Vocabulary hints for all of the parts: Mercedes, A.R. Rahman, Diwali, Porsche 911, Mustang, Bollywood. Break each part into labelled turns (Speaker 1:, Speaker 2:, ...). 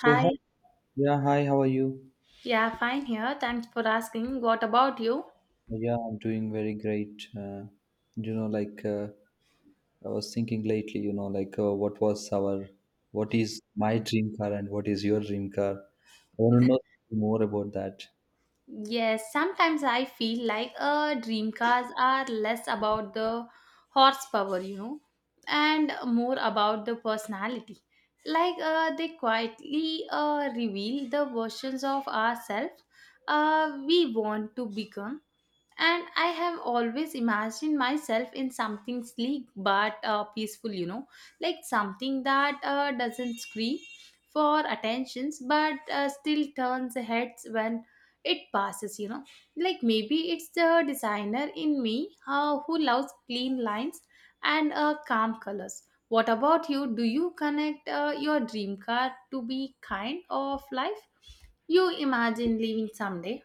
Speaker 1: So hi,
Speaker 2: Hi.
Speaker 1: yeah, hi. How are you?
Speaker 2: Yeah, fine here. Thanks for asking. What about you?
Speaker 1: Yeah, I'm doing very great. You know, like uh, I was thinking lately, what is my dream car and what is your dream car? I want to know more about that.
Speaker 2: Yes, sometimes I feel like dream cars are less about the horsepower, you know, and more about the personality. Like they quietly reveal the versions of ourselves we want to become. And I have always imagined myself in something sleek but peaceful, you know, like something that doesn't scream for attentions but still turns heads when it passes, you know, like maybe it's the designer in me who loves clean lines and calm colors. What about you? Do you connect your dream car to be kind of life you imagine living someday?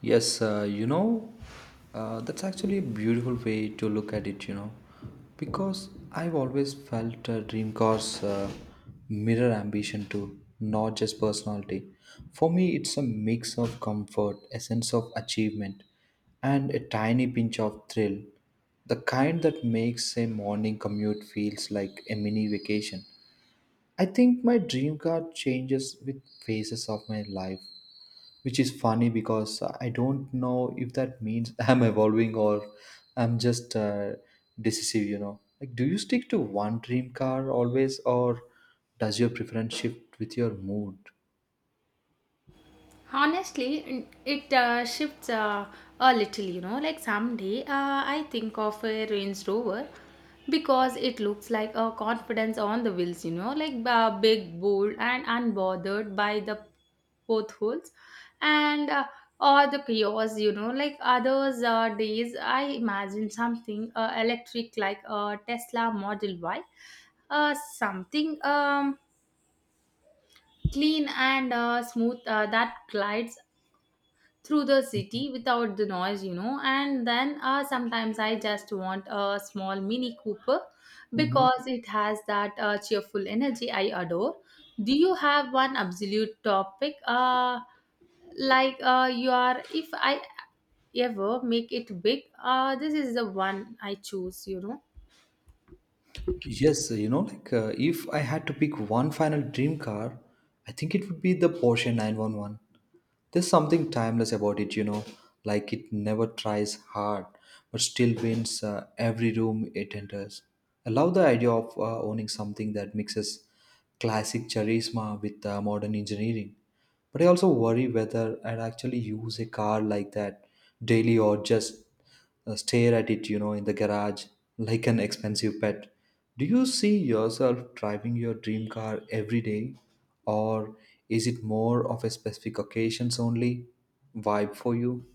Speaker 1: Yes, that's actually a beautiful way to look at it, you know, because I've always felt dream cars mirror ambition too, not just personality. For me, it's a mix of comfort, a sense of achievement, and a tiny pinch of thrill, the kind that makes a morning commute feels like a mini vacation. I think my dream car changes with phases of my life which is funny because I don't know if that means I'm evolving or I'm just decisive, you know. Like, do you stick to one dream car always, or does your preference shift with your mood?
Speaker 2: Honestly, it shifts a little, you know. Like someday, I think of a Range Rover because it looks like a confidence on the wheels, you know, like big, bold, and unbothered by the potholes and or the chaos, you know. Like others days, I imagine something electric like a Tesla Model Y, something clean and smooth that glides through the city without the noise, you know. And then sometimes I just want a small Mini Cooper
Speaker 1: Mm-hmm.
Speaker 2: because it has that cheerful energy I adore. Do you have one absolute topic, like you are, if I ever make it big, this is the one I choose, you know?
Speaker 1: Yes, if I had to pick one final dream car, I think it would be the Porsche 911. There's something timeless about it, you know, like it never tries hard but still wins every room it enters. I love the idea of owning something that mixes classic charisma with modern engineering. But I also worry whether I'd actually use a car like that daily or just stare at it, you know, in the garage like an expensive pet. Do you see yourself driving your dream car every day, or is it more of a specific occasions only vibe for you?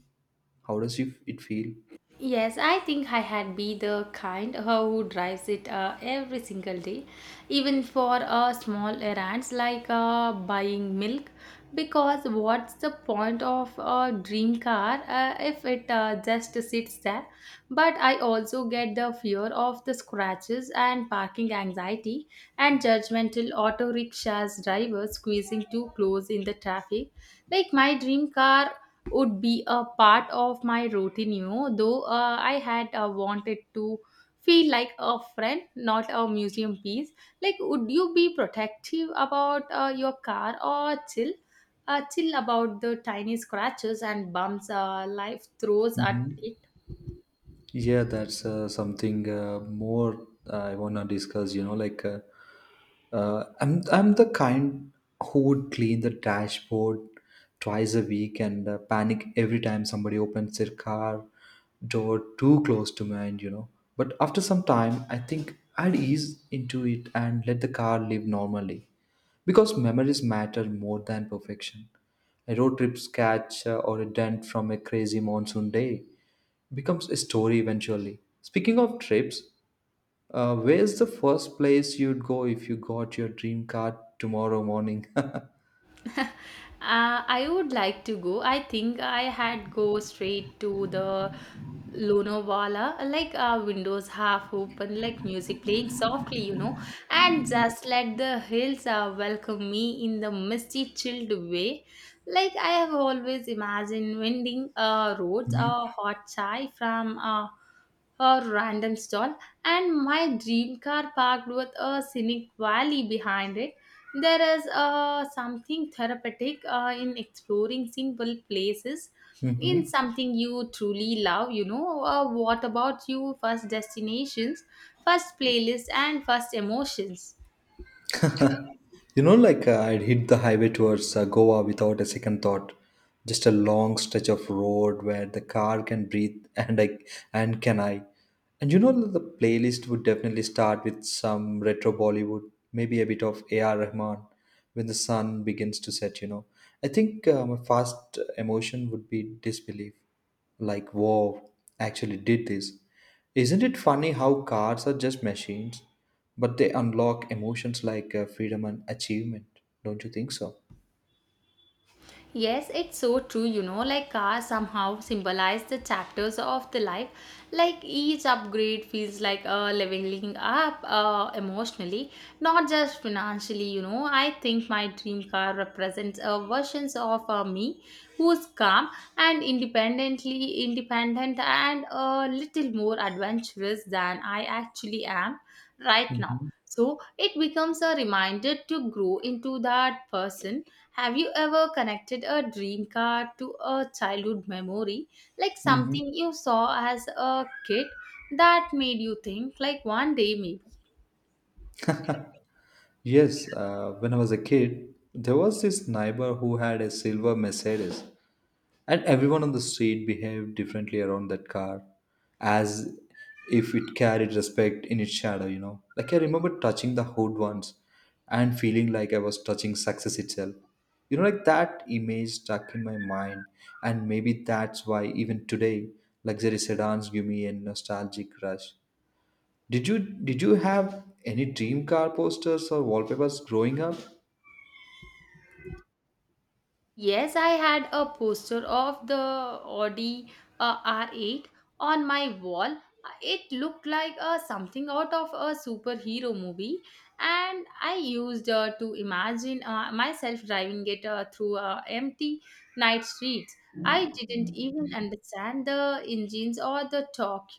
Speaker 1: How does you, it feel?
Speaker 2: Yes, I think I had be the kind who drives it every single day, even for small errands like buying milk. Because what's the point of a dream car if it just sits there? But I also get the fear of the scratches and parking anxiety and judgmental auto rickshaws drivers squeezing too close in the traffic. Like my dream car would be a part of my routine, you know, though I had wanted to feel like a friend, not a museum piece. Like, would you be protective about your car or chill? Chill about the tiny scratches and bumps life throws at
Speaker 1: Hmm.
Speaker 2: it?
Speaker 1: Yeah, that's something more I wanna discuss. You know, I'm the kind who would clean the dashboard twice a week and panic every time somebody opens their car door too close to mine, you know. But after some time, I think I'd ease into it and let the car live normally, because memories matter more than perfection. A road trip sketch or a dent from a crazy monsoon day becomes a story eventually. Speaking of trips, where's the first place you'd go if you got your dream car tomorrow morning?
Speaker 2: I would like to go. I think I had go straight to the Lonavala, like windows half open, like music playing softly, you know, and just let the hills welcome me in the misty, chilled way. Like I have always imagined winding roads,
Speaker 1: Mhm.
Speaker 2: a hot chai from a random stall, and my dream car parked with a scenic valley behind it. There is something therapeutic in exploring simple places in
Speaker 1: Mhm.
Speaker 2: something you truly love. You know, what about you? First destinations, first playlists, and first emotions.
Speaker 1: I'd hit the highway towards Goa without a second thought. Just a long stretch of road where the car can breathe, and I and can I. And you know, the playlist would definitely start with some retro Bollywood, maybe a bit of A.R. Rahman when the sun begins to set. You know, I think my first emotion would be disbelief, like wow, actually did this. Isn't it funny how cars are just machines? But they unlock emotions like freedom and achievement, don't you think so?
Speaker 2: Yes, it's so true, you know, like cars somehow symbolize the chapters of the life. Like each upgrade feels like a leveling up emotionally, not just financially, you know. I think my dream car represents a versions of me who's calm and independent and a little more adventurous than I actually am right now.
Speaker 1: Mhm.
Speaker 2: So it becomes a reminder to grow into that person. Have you ever connected a dream car to a childhood memory, like
Speaker 1: Mhm.
Speaker 2: something you saw as a kid that made you think, like one day maybe?
Speaker 1: Yes, when I was a kid, there was this neighbor who had a silver Mercedes, and everyone on the street behaved differently around that car, as if it carried respect in its shadow, you know. Like I remember touching the hood once and feeling like I was touching success itself. You know, like that image stuck in my mind, and maybe that's why even today, luxury sedans give me a nostalgic rush. Did you have any dream car posters or wallpapers growing up?
Speaker 2: Yes, I had a poster of the Audi R8 on my wall. It looked like something out of a superhero movie, and I used to imagine myself driving it through empty night streets. I didn't even understand the engines or the torque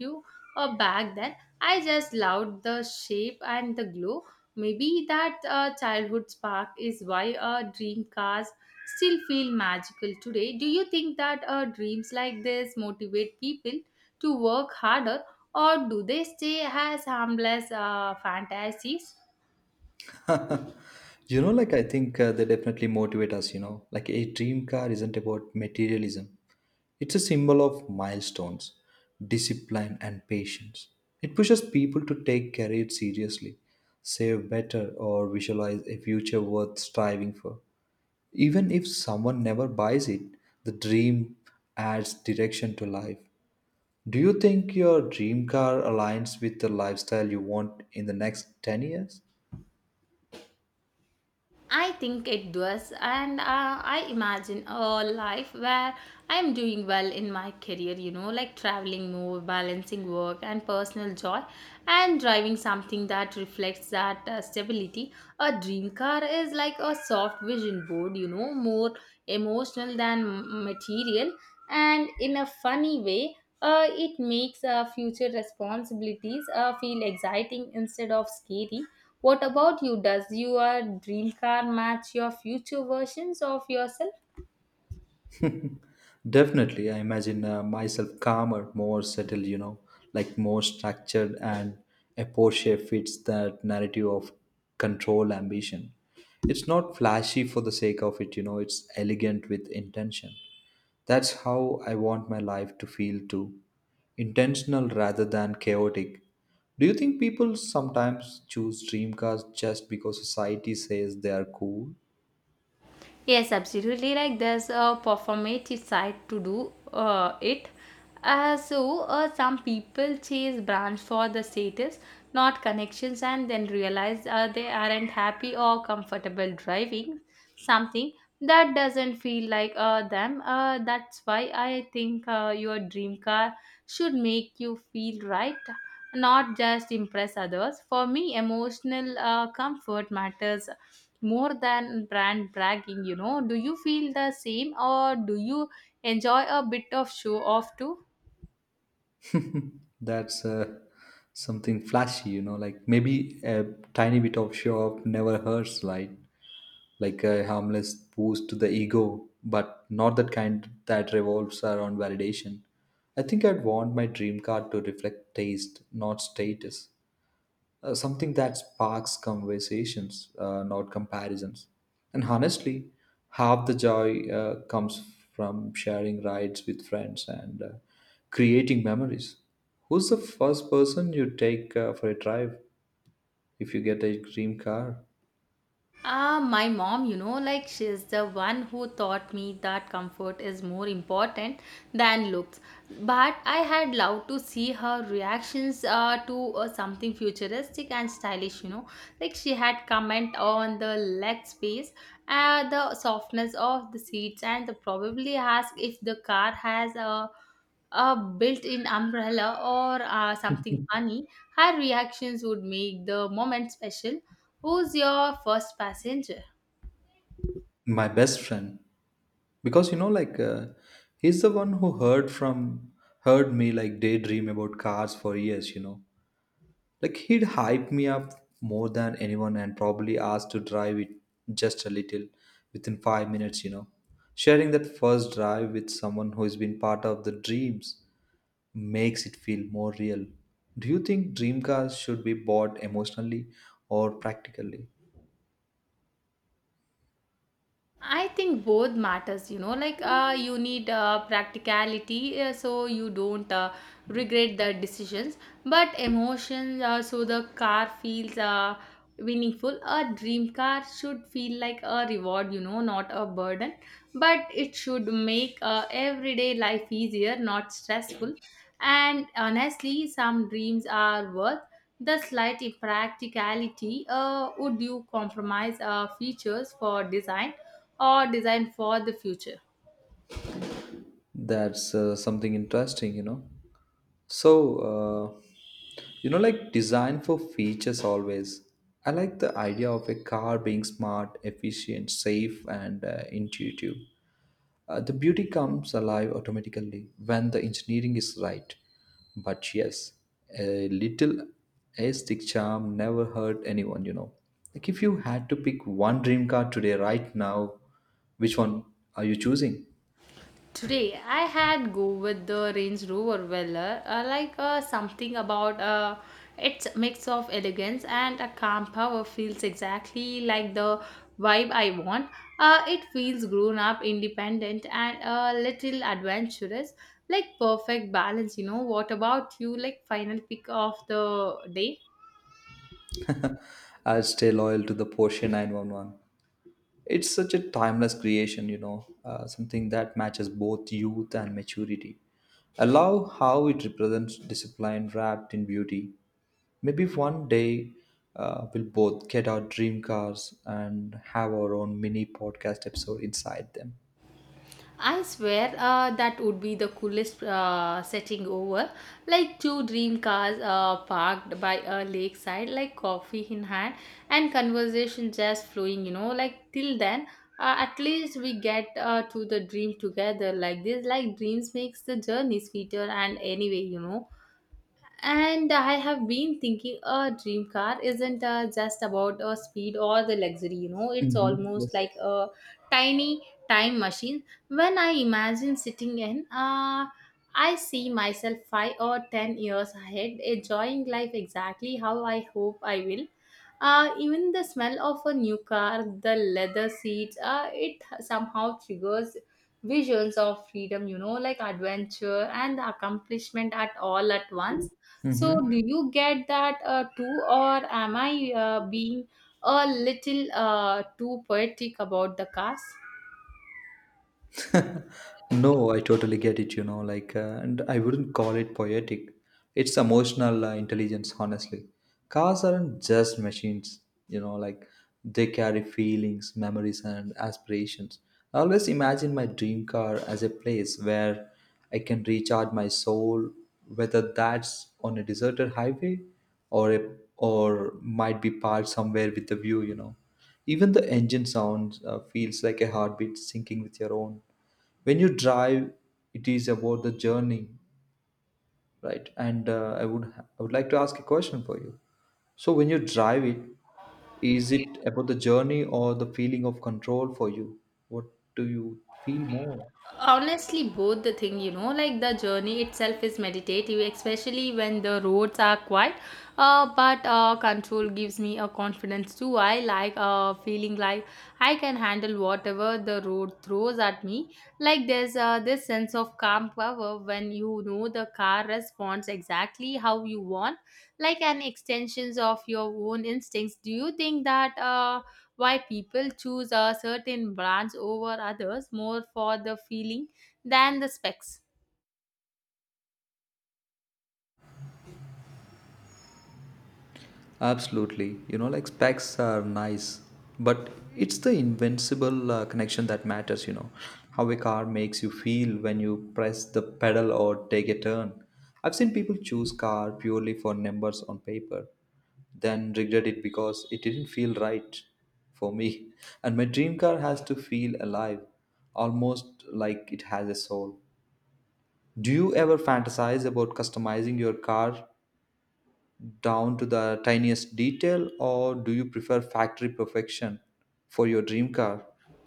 Speaker 2: back then. I just loved the shape and the glow. Maybe that childhood spark is why dream cars still feel magical today. Do you think that dreams like this motivate people to work harder, or do they stay as harmless fantasies?
Speaker 1: I think they definitely motivate us, you know. Like a dream car isn't about materialism, it's a symbol of milestones, discipline, and patience. It pushes people to take career seriously, save better, or visualize a future worth striving for. Even if someone never buys it, the dream adds direction to life. Do you think your dream car aligns with the lifestyle you want in the next 10 years?
Speaker 2: I think it does, and I imagine a life where I'm doing well in my career, you know, like traveling more, balancing work and personal joy, and driving something that reflects that stability. A dream car is like a soft vision board, you know, more emotional than material, and in a funny way, it makes future responsibilities feel exciting instead of scary. What about you? Does your dream car match your future versions of yourself?
Speaker 1: Definitely, I imagine myself calmer, more settled, you know, like more structured, and a Porsche fits that narrative of control ambition. It's not flashy for the sake of it, you know, it's elegant with intention. That's how I want my life to feel too, intentional rather than chaotic. Do you think people sometimes choose dream cars just because society says they are cool?
Speaker 2: Yes, absolutely. Like there's a performative side to do it. So some people chase brands for the status, not connections, and then realize they aren't happy or comfortable driving something that doesn't feel like them. That's why I think your dream car should make you feel right, not just impress others. For me, emotional comfort matters more than brand bragging, you know. Do you feel the same, or do you enjoy a bit of show off too?
Speaker 1: That's something flashy, you know, like maybe a tiny bit of show off never hurts, right? Like a harmless boost to the ego, but not that kind that revolves around validation. I think I'd want my dream card to reflect taste, not status, something that sparks conversations, not comparisons. And honestly, half the joy comes from sharing rides with friends and creating memories. Who's the first person you take for a drive if you get a dream car?
Speaker 2: Ah, my mom, you know, like she's the one who taught me that comfort is more important than looks. But I had loved to see her reactions to something futuristic and stylish, you know. Like she had comment on the leg space, the softness of the seats, and the probably ask if the car has a built-in umbrella or something funny, her reactions would make the moment special. Who's your first passenger?
Speaker 1: My best friend, because you know, he's the one who heard me like daydream about cars for years. You know, like he'd hype me up more than anyone and probably ask to drive it just a little within 5 minutes, you know. Sharing that first drive with someone who has been part of the dreams makes it feel more real. Do you think dream cars should be bought emotionally or practically?
Speaker 2: I think both matters, you know, like you need practicality so you don't regret the decisions, but emotions so the car feels meaningful. A dream car should feel like a reward, you know, not a burden, but it should make everyday life easier, not stressful. And honestly, some dreams are worth the slight impracticality. Would you compromise features for design, or designed for the future?
Speaker 1: That's something interesting, you know. So, design for features always. I like the idea of a car being smart, efficient, safe, and intuitive. The beauty comes alive automatically when the engineering is right. But yes, a little aesthetic charm never hurt anyone, you know. Like if you had to pick one dream car today, right now, which one are you choosing?
Speaker 2: Today, I had go with the Range Rover Velar, like something about its mix of elegance and a calm power feels exactly like the vibe I want. It feels grown up, independent, and a little adventurous, like perfect balance. You know, what about you? Like final pick of the day.
Speaker 1: I'll stay loyal to the Porsche 911. It's such a timeless creation, you know, something that matches both youth and maturity. I love how it represents discipline wrapped in beauty. Maybe one day we'll both get our dream cars and have our own mini podcast episode inside them.
Speaker 2: I swear that would be the coolest setting over. Like two dream cars parked by a lakeside, like coffee in hand, and conversation just flowing, you know. Like till then, at least we get to the dream together like this. Like dreams makes the journey sweeter, and anyway, you know, and I have been thinking a dream car isn't just about speed or the luxury, you know, it's
Speaker 1: Mm-hmm.
Speaker 2: almost
Speaker 1: Yes.
Speaker 2: like a tiny time machine. When I imagine sitting in, I see myself 5 or 10 years ahead, enjoying life exactly how I hope I will. Even the smell of a new car, the leather seats, it somehow triggers visions of freedom, you know, like adventure and accomplishment at all at once. So,
Speaker 1: Mm-hmm.
Speaker 2: do you get that too, or am I being a little too poetic about the cars?
Speaker 1: No, I totally get it, and I wouldn't call it poetic. It's emotional intelligence, honestly. Cars aren't just machines, you know, like, they carry feelings, memories, and aspirations. I always imagine my dream car as a place where I can recharge my soul, whether that's on a deserted highway or a, or might be parked somewhere with the view, you know. Even the engine sound feels like a heartbeat syncing with your own when you drive it. Is about the journey, right? And I would like to ask a question for you. So when you drive it, is it about the journey or the feeling of control for you? What do you feel more?
Speaker 2: Honestly, both the thing, you know, like the journey itself is meditative, especially when the roads are quiet. But control gives me a confidence too. I like feeling like I can handle whatever the road throws at me. Like there's this sense of calm power when you know the car responds exactly how you want, like an extensions of your own instincts. Do you think that? Why people choose a certain brands over others more for the feeling than the specs?
Speaker 1: Absolutely. You know, like specs are nice, but it's the invincible connection that matters, you know. How a car makes you feel when you press the pedal or take a turn. I've seen people choose car purely for numbers on paper, then regret it because it didn't feel right for me. And my dream car has to feel alive, almost like it has a soul. Do you ever fantasize about customizing your car down to the tiniest detail, or do you prefer factory perfection for your dream car?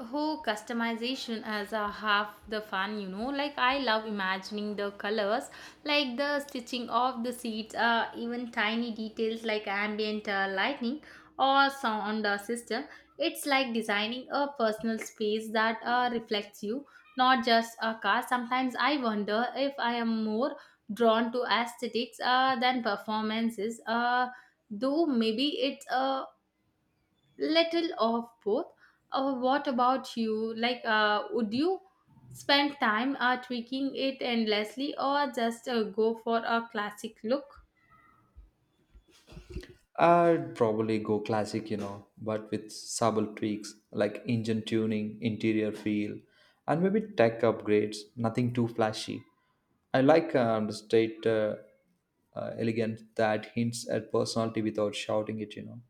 Speaker 2: Whole customization as a half the fun, you know, like I love imagining the colors, like the stitching of the seats, even tiny details like ambient lighting or sound system. It's like designing a personal space that reflects you, not just a car. Sometimes I wonder if I am more drawn to aesthetics than performances, though maybe it's a little of both. What about you? Like, would you spend time tweaking it endlessly or just go for a classic look?
Speaker 1: I'd probably go classic, you know, but with subtle tweaks like engine tuning, interior feel, and maybe tech upgrades, nothing too flashy. I like the state elegant that hints at personality without shouting it, you know.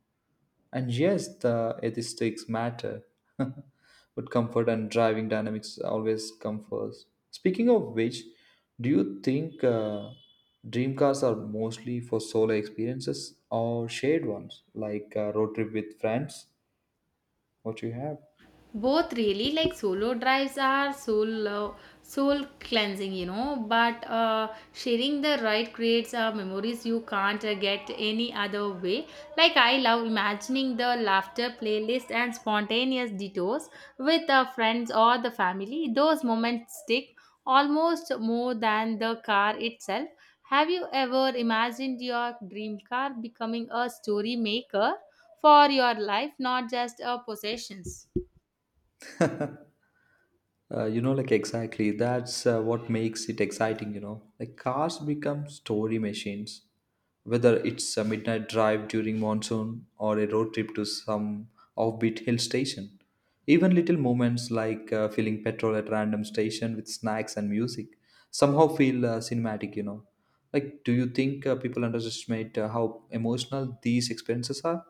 Speaker 1: And yes, the aesthetics matter. But comfort and driving dynamics always come first. Speaking of which, do you think dream cars are mostly for solo experiences or shared ones, like a road trip with friends? What you have?
Speaker 2: Both, really. Like solo drives are soul cleansing, you know, but sharing the ride creates memories you can't get any other way. Like I love imagining the laughter, playlist, and spontaneous detours with friends or the family. Those moments stick almost more than the car itself. Have you ever imagined your dream car becoming a story maker for your life, not just a possessions?
Speaker 1: Exactly. That's what makes it exciting, you know. Like cars become story machines, whether it's a midnight drive during monsoon or a road trip to some offbeat hill station. Even little moments like filling petrol at random station with snacks and music somehow feel cinematic, you know. Like, do you think people underestimate how emotional these experiences are?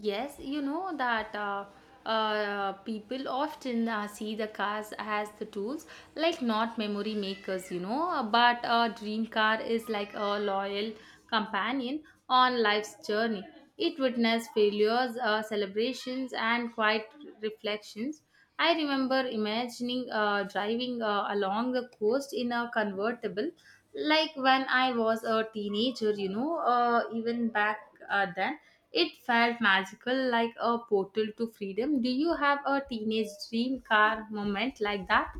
Speaker 2: Yes, you know that people often see the cars as the tools, like not memory makers, you know. But a dream car is like a loyal companion on life's journey. It witnessed failures, celebrations, and quiet reflections. I remember imagining driving along the coast in a convertible, like when I was a teenager, you know, even back then. It felt magical, like a portal to freedom. Do you have a teenage dream car moment like that?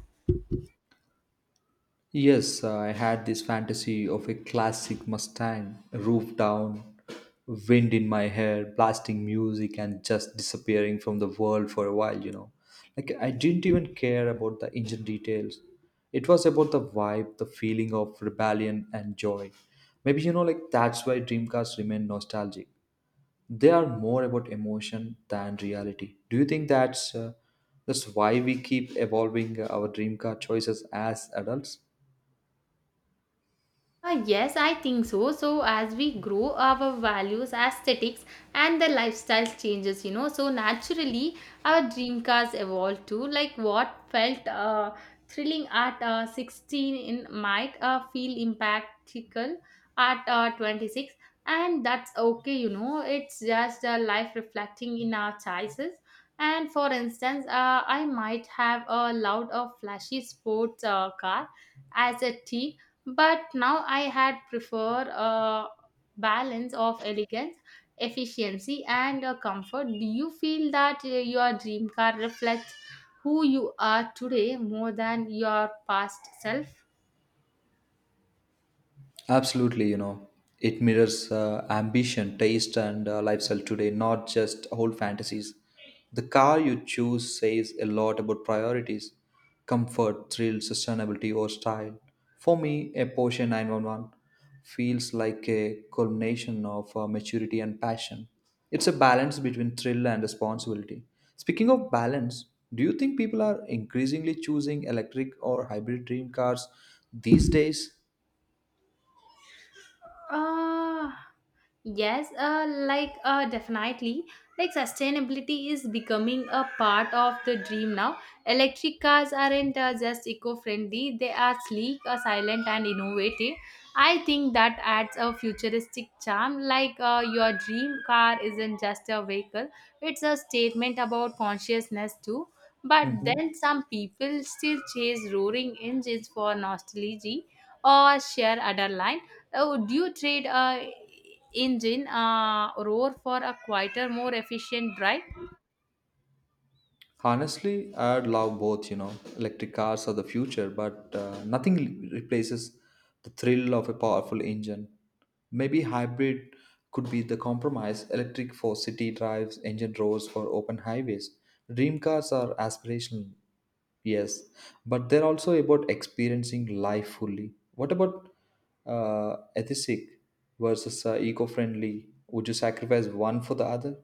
Speaker 1: Yes, I had this fantasy of a classic Mustang, roof down, wind in my hair, blasting music, and just disappearing from the world for a while, you know. Like, I didn't even care about the engine details. It was about the vibe, the feeling of rebellion and joy. Maybe, you know, like that's why Dreamcast remain nostalgic. They are more about emotion than reality. Do you think that's why we keep evolving our dream car choices as adults?
Speaker 2: Yes, I think so. So as we grow, our values, aesthetics, and the lifestyle changes. You know, so naturally, our dream cars evolve too. Like what felt thrilling at 16 in might feel impactful at 26, and that's okay. You know, it's just life reflecting in our choices. And for instance, I might have loved a flashy sports car as a teen, but now I had prefer a balance of elegance, efficiency, and comfort. Do you feel that your dream car reflects who you are today more than your past self?
Speaker 1: Absolutely, you know, it mirrors ambition, taste, and lifestyle today, not just old fantasies. The car you choose says a lot about priorities: comfort, thrill, sustainability, or style. For me, a Porsche 911 feels like a culmination of maturity and passion. It's a balance between thrill and responsibility. Speaking of balance, do you think people are increasingly choosing electric or hybrid dream cars these days?
Speaker 2: Uh, yes, definitely. Like sustainability is becoming a part of the dream now. Electric cars aren't just eco-friendly; they are sleek, silent, and innovative. I think that adds a futuristic charm. Your dream car isn't just a vehicle; it's a statement about consciousness too. But
Speaker 1: Mhm.
Speaker 2: then some people still chase roaring engines for nostalgia or sheer adrenaline. Oh, do you trade a engine roar for a quieter, more efficient drive?
Speaker 1: Honestly, I'd love both, you know. Electric cars are the future, but nothing replaces the thrill of a powerful engine. Maybe hybrid could be the compromise electric for city drives, engine roads for open highways. Dream cars are aspirational, yes, but they're also about experiencing life fully. What about ethic versus eco friendly? Would you sacrifice one for the other?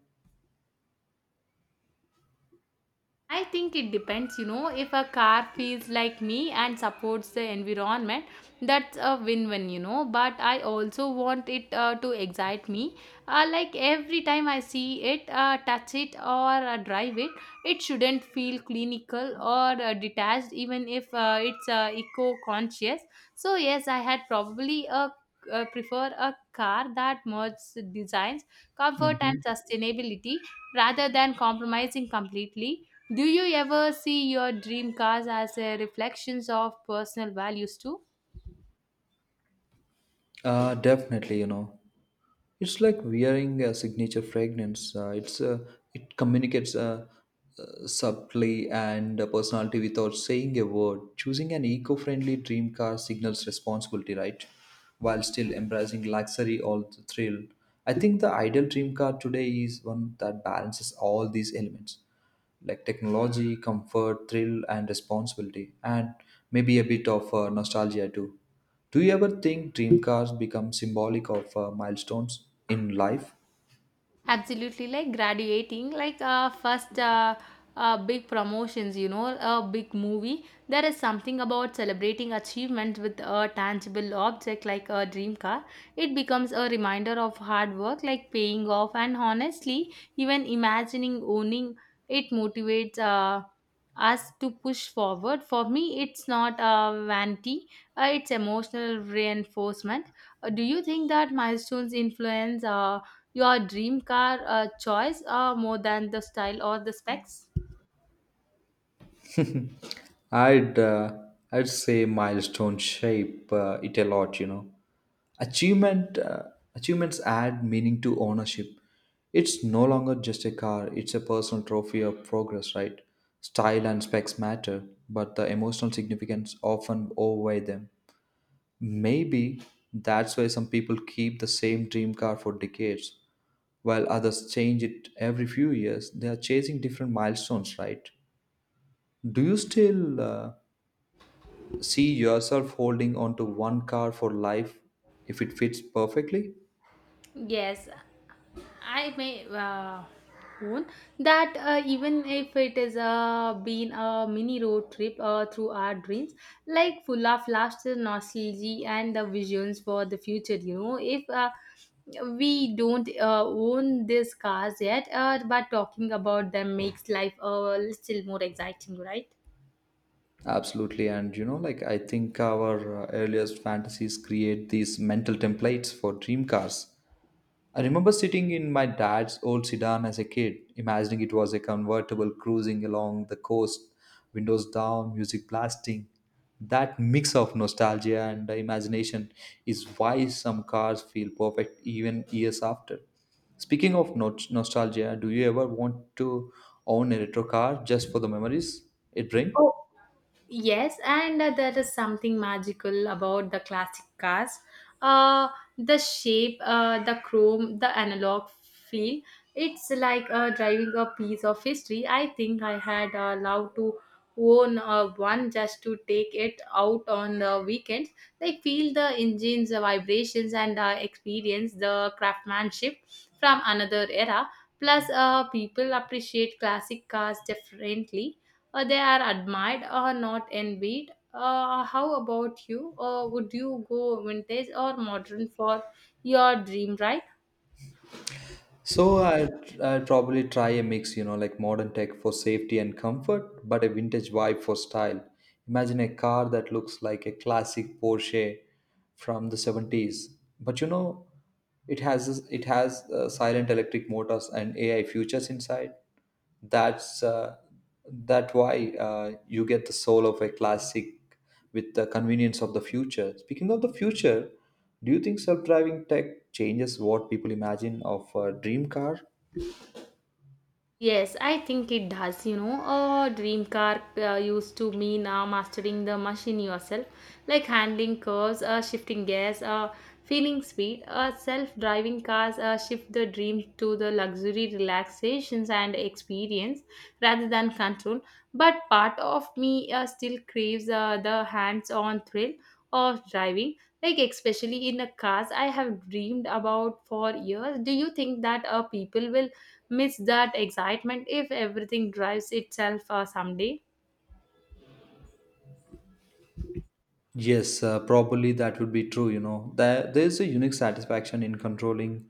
Speaker 2: I think it depends, you know, if a car feels like me and supports the environment, that's a win win, you know. But I also want it to excite me. Like every time I see it, touch it, or drive it, it shouldn't feel clinical or detached, even if it's eco conscious. So, yes, I had probably a prefer a car that merges designs, comfort, and
Speaker 1: Mm-hmm.
Speaker 2: sustainability rather than compromising completely. Do you ever see your dream cars as a reflections of personal values too?
Speaker 1: Definitely, you know. It's like wearing a signature fragrance. It communicates subtly and personality without saying a word. Choosing an eco-friendly dream car signals responsibility, right? While still embracing luxury or the thrill. I think the ideal dream car today is one that balances all these elements like technology, comfort, thrill, and responsibility, and maybe a bit of nostalgia too. Do you ever think dream cars become symbolic of milestones in life?
Speaker 2: Absolutely, like graduating, like first big promotions, you know, a big movie. There is something about celebrating achievements with a tangible object like a dream car. It becomes a reminder of hard work, like paying off, and honestly, even imagining owning it motivates us to push forward. For me, it's not a vanity, it's emotional reinforcement. Do you think that milestones influence? Your dream car choice more than the style or the specs?
Speaker 1: I'd uh, I'd say milestone shape it a lot, you know. Achievement uh, achievements add meaning to ownership. It's no longer just a car; it's a personal trophy of progress, right? Style and specs matter, but the emotional significance often outweigh them. Maybe that's why some people keep the same dream car for decades, while others change it every few years. They are chasing different milestones, right? Do you still see yourself holding on to one car for life if it fits perfectly?
Speaker 2: Yes, I may own that even if it is been a mini road trip through our dreams, like full of laughter, nostalgia, and the visions for the future. You know, if we don't own these cars yet, but talking about them makes life a little more exciting, right?
Speaker 1: Absolutely. And you know, like I think our earliest fantasies create these mental templates for dream cars. I remember sitting in my dad's old sedan as a kid, imagining it was a convertible cruising along the coast, windows down, music blasting. That mix of nostalgia and imagination is why some cars feel perfect even years after. Speaking of nostalgia, do you ever want to own a retro car just for the memories it brings?
Speaker 2: Oh. Yes, and there is something magical about the classic cars. Uh, the shape, the chrome, the analog feel. It's like driving a piece of history. I think I had loved to own one just to take it out on the weekends. Like feel the engine's vibrations and experience the craftsmanship from another era. Plus, people appreciate classic cars differently, they are admired or not envied. How about you? Would you go vintage or modern for your dream ride?
Speaker 1: So I probably try a mix, you know, like modern tech for safety and comfort, but a vintage vibe for style. Imagine a car that looks like a classic Porsche from the 70s, but you know, it has silent electric motors and AI features inside. That's that why You get the soul of a classic with the convenience of the future. Speaking of the future, do you think self-driving tech changes what people imagine of a dream car?
Speaker 2: Yes, I think it does. You know, a dream car used to mean mastering the machine yourself, like handling curves, shifting gears, feeling speed. Self-driving cars shift the dream to the luxury, relaxations, and experience rather than control. But part of me still craves the hands-on thrill of driving, like especially in a cars I have dreamed about for years. Do you think that people will miss that excitement if everything drives itself someday?
Speaker 1: Yes, probably that would be true. You know, there's a unique satisfaction in controlling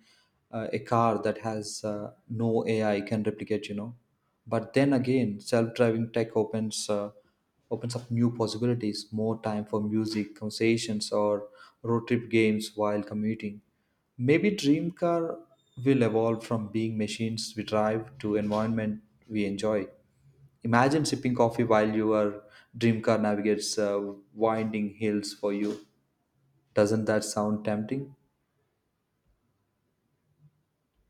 Speaker 1: a car that has no AI can replicate. You know, but then again, self-driving tech opens up new possibilities, more time for music, conversations, or road trip games while commuting. Maybe dream car will evolve from being machines we drive to environment we enjoy. Imagine sipping coffee while your dream car navigates winding hills for you. Doesn't that sound tempting?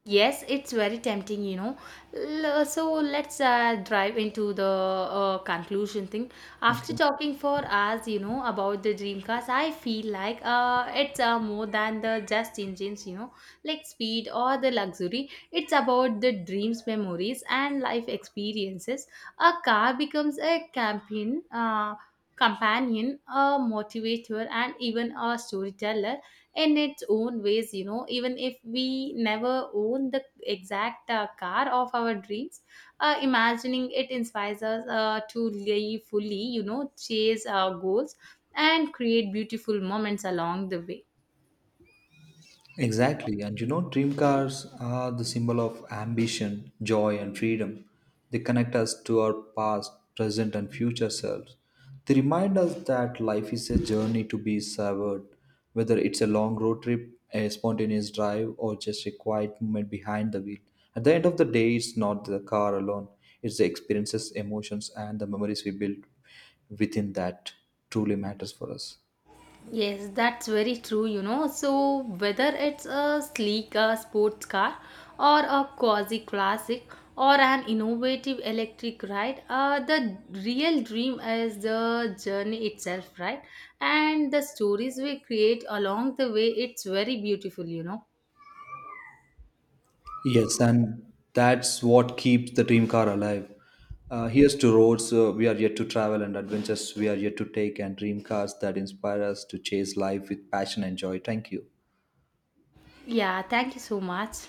Speaker 2: Yes, it's very tempting, you know. So let's drive into the conclusion thing. After
Speaker 1: Okay.
Speaker 2: talking for hours, you know, about the dream cars, I feel like it's more than the just engines, you know, like speed or the luxury. It's about the dreams, memories, and life experiences. A car becomes a campaign, companion, a motivator, and even a storyteller in its own ways. You know, even if we never own the exact car of our dreams, imagining it inspires us to live fully. You know, chase our goals and create beautiful moments along the way.
Speaker 1: Exactly. And you know, dream cars are the symbol of ambition, joy, and freedom. They connect us to our past, present, and future selves. They remind us that life is a journey to be savored, whether it's a long road trip, a spontaneous drive, or just a quiet moment behind the wheel. At the end of the day, it's not the car alone, it's the experiences, emotions, and the memories we build within that truly matters for us.
Speaker 2: Yes, that's very true, you know. So, whether it's a sleek sports car or a quasi classic or an innovative electric ride, the real dream is the journey itself, right? And the stories we create along the way, it's very beautiful, you know.
Speaker 1: Yes, and that's what keeps the dream car alive. Here's to roads we are yet to travel and adventures we are yet to take, and dream cars that inspire us to chase life with passion and joy. Thank you.
Speaker 2: Yeah, thank you so much.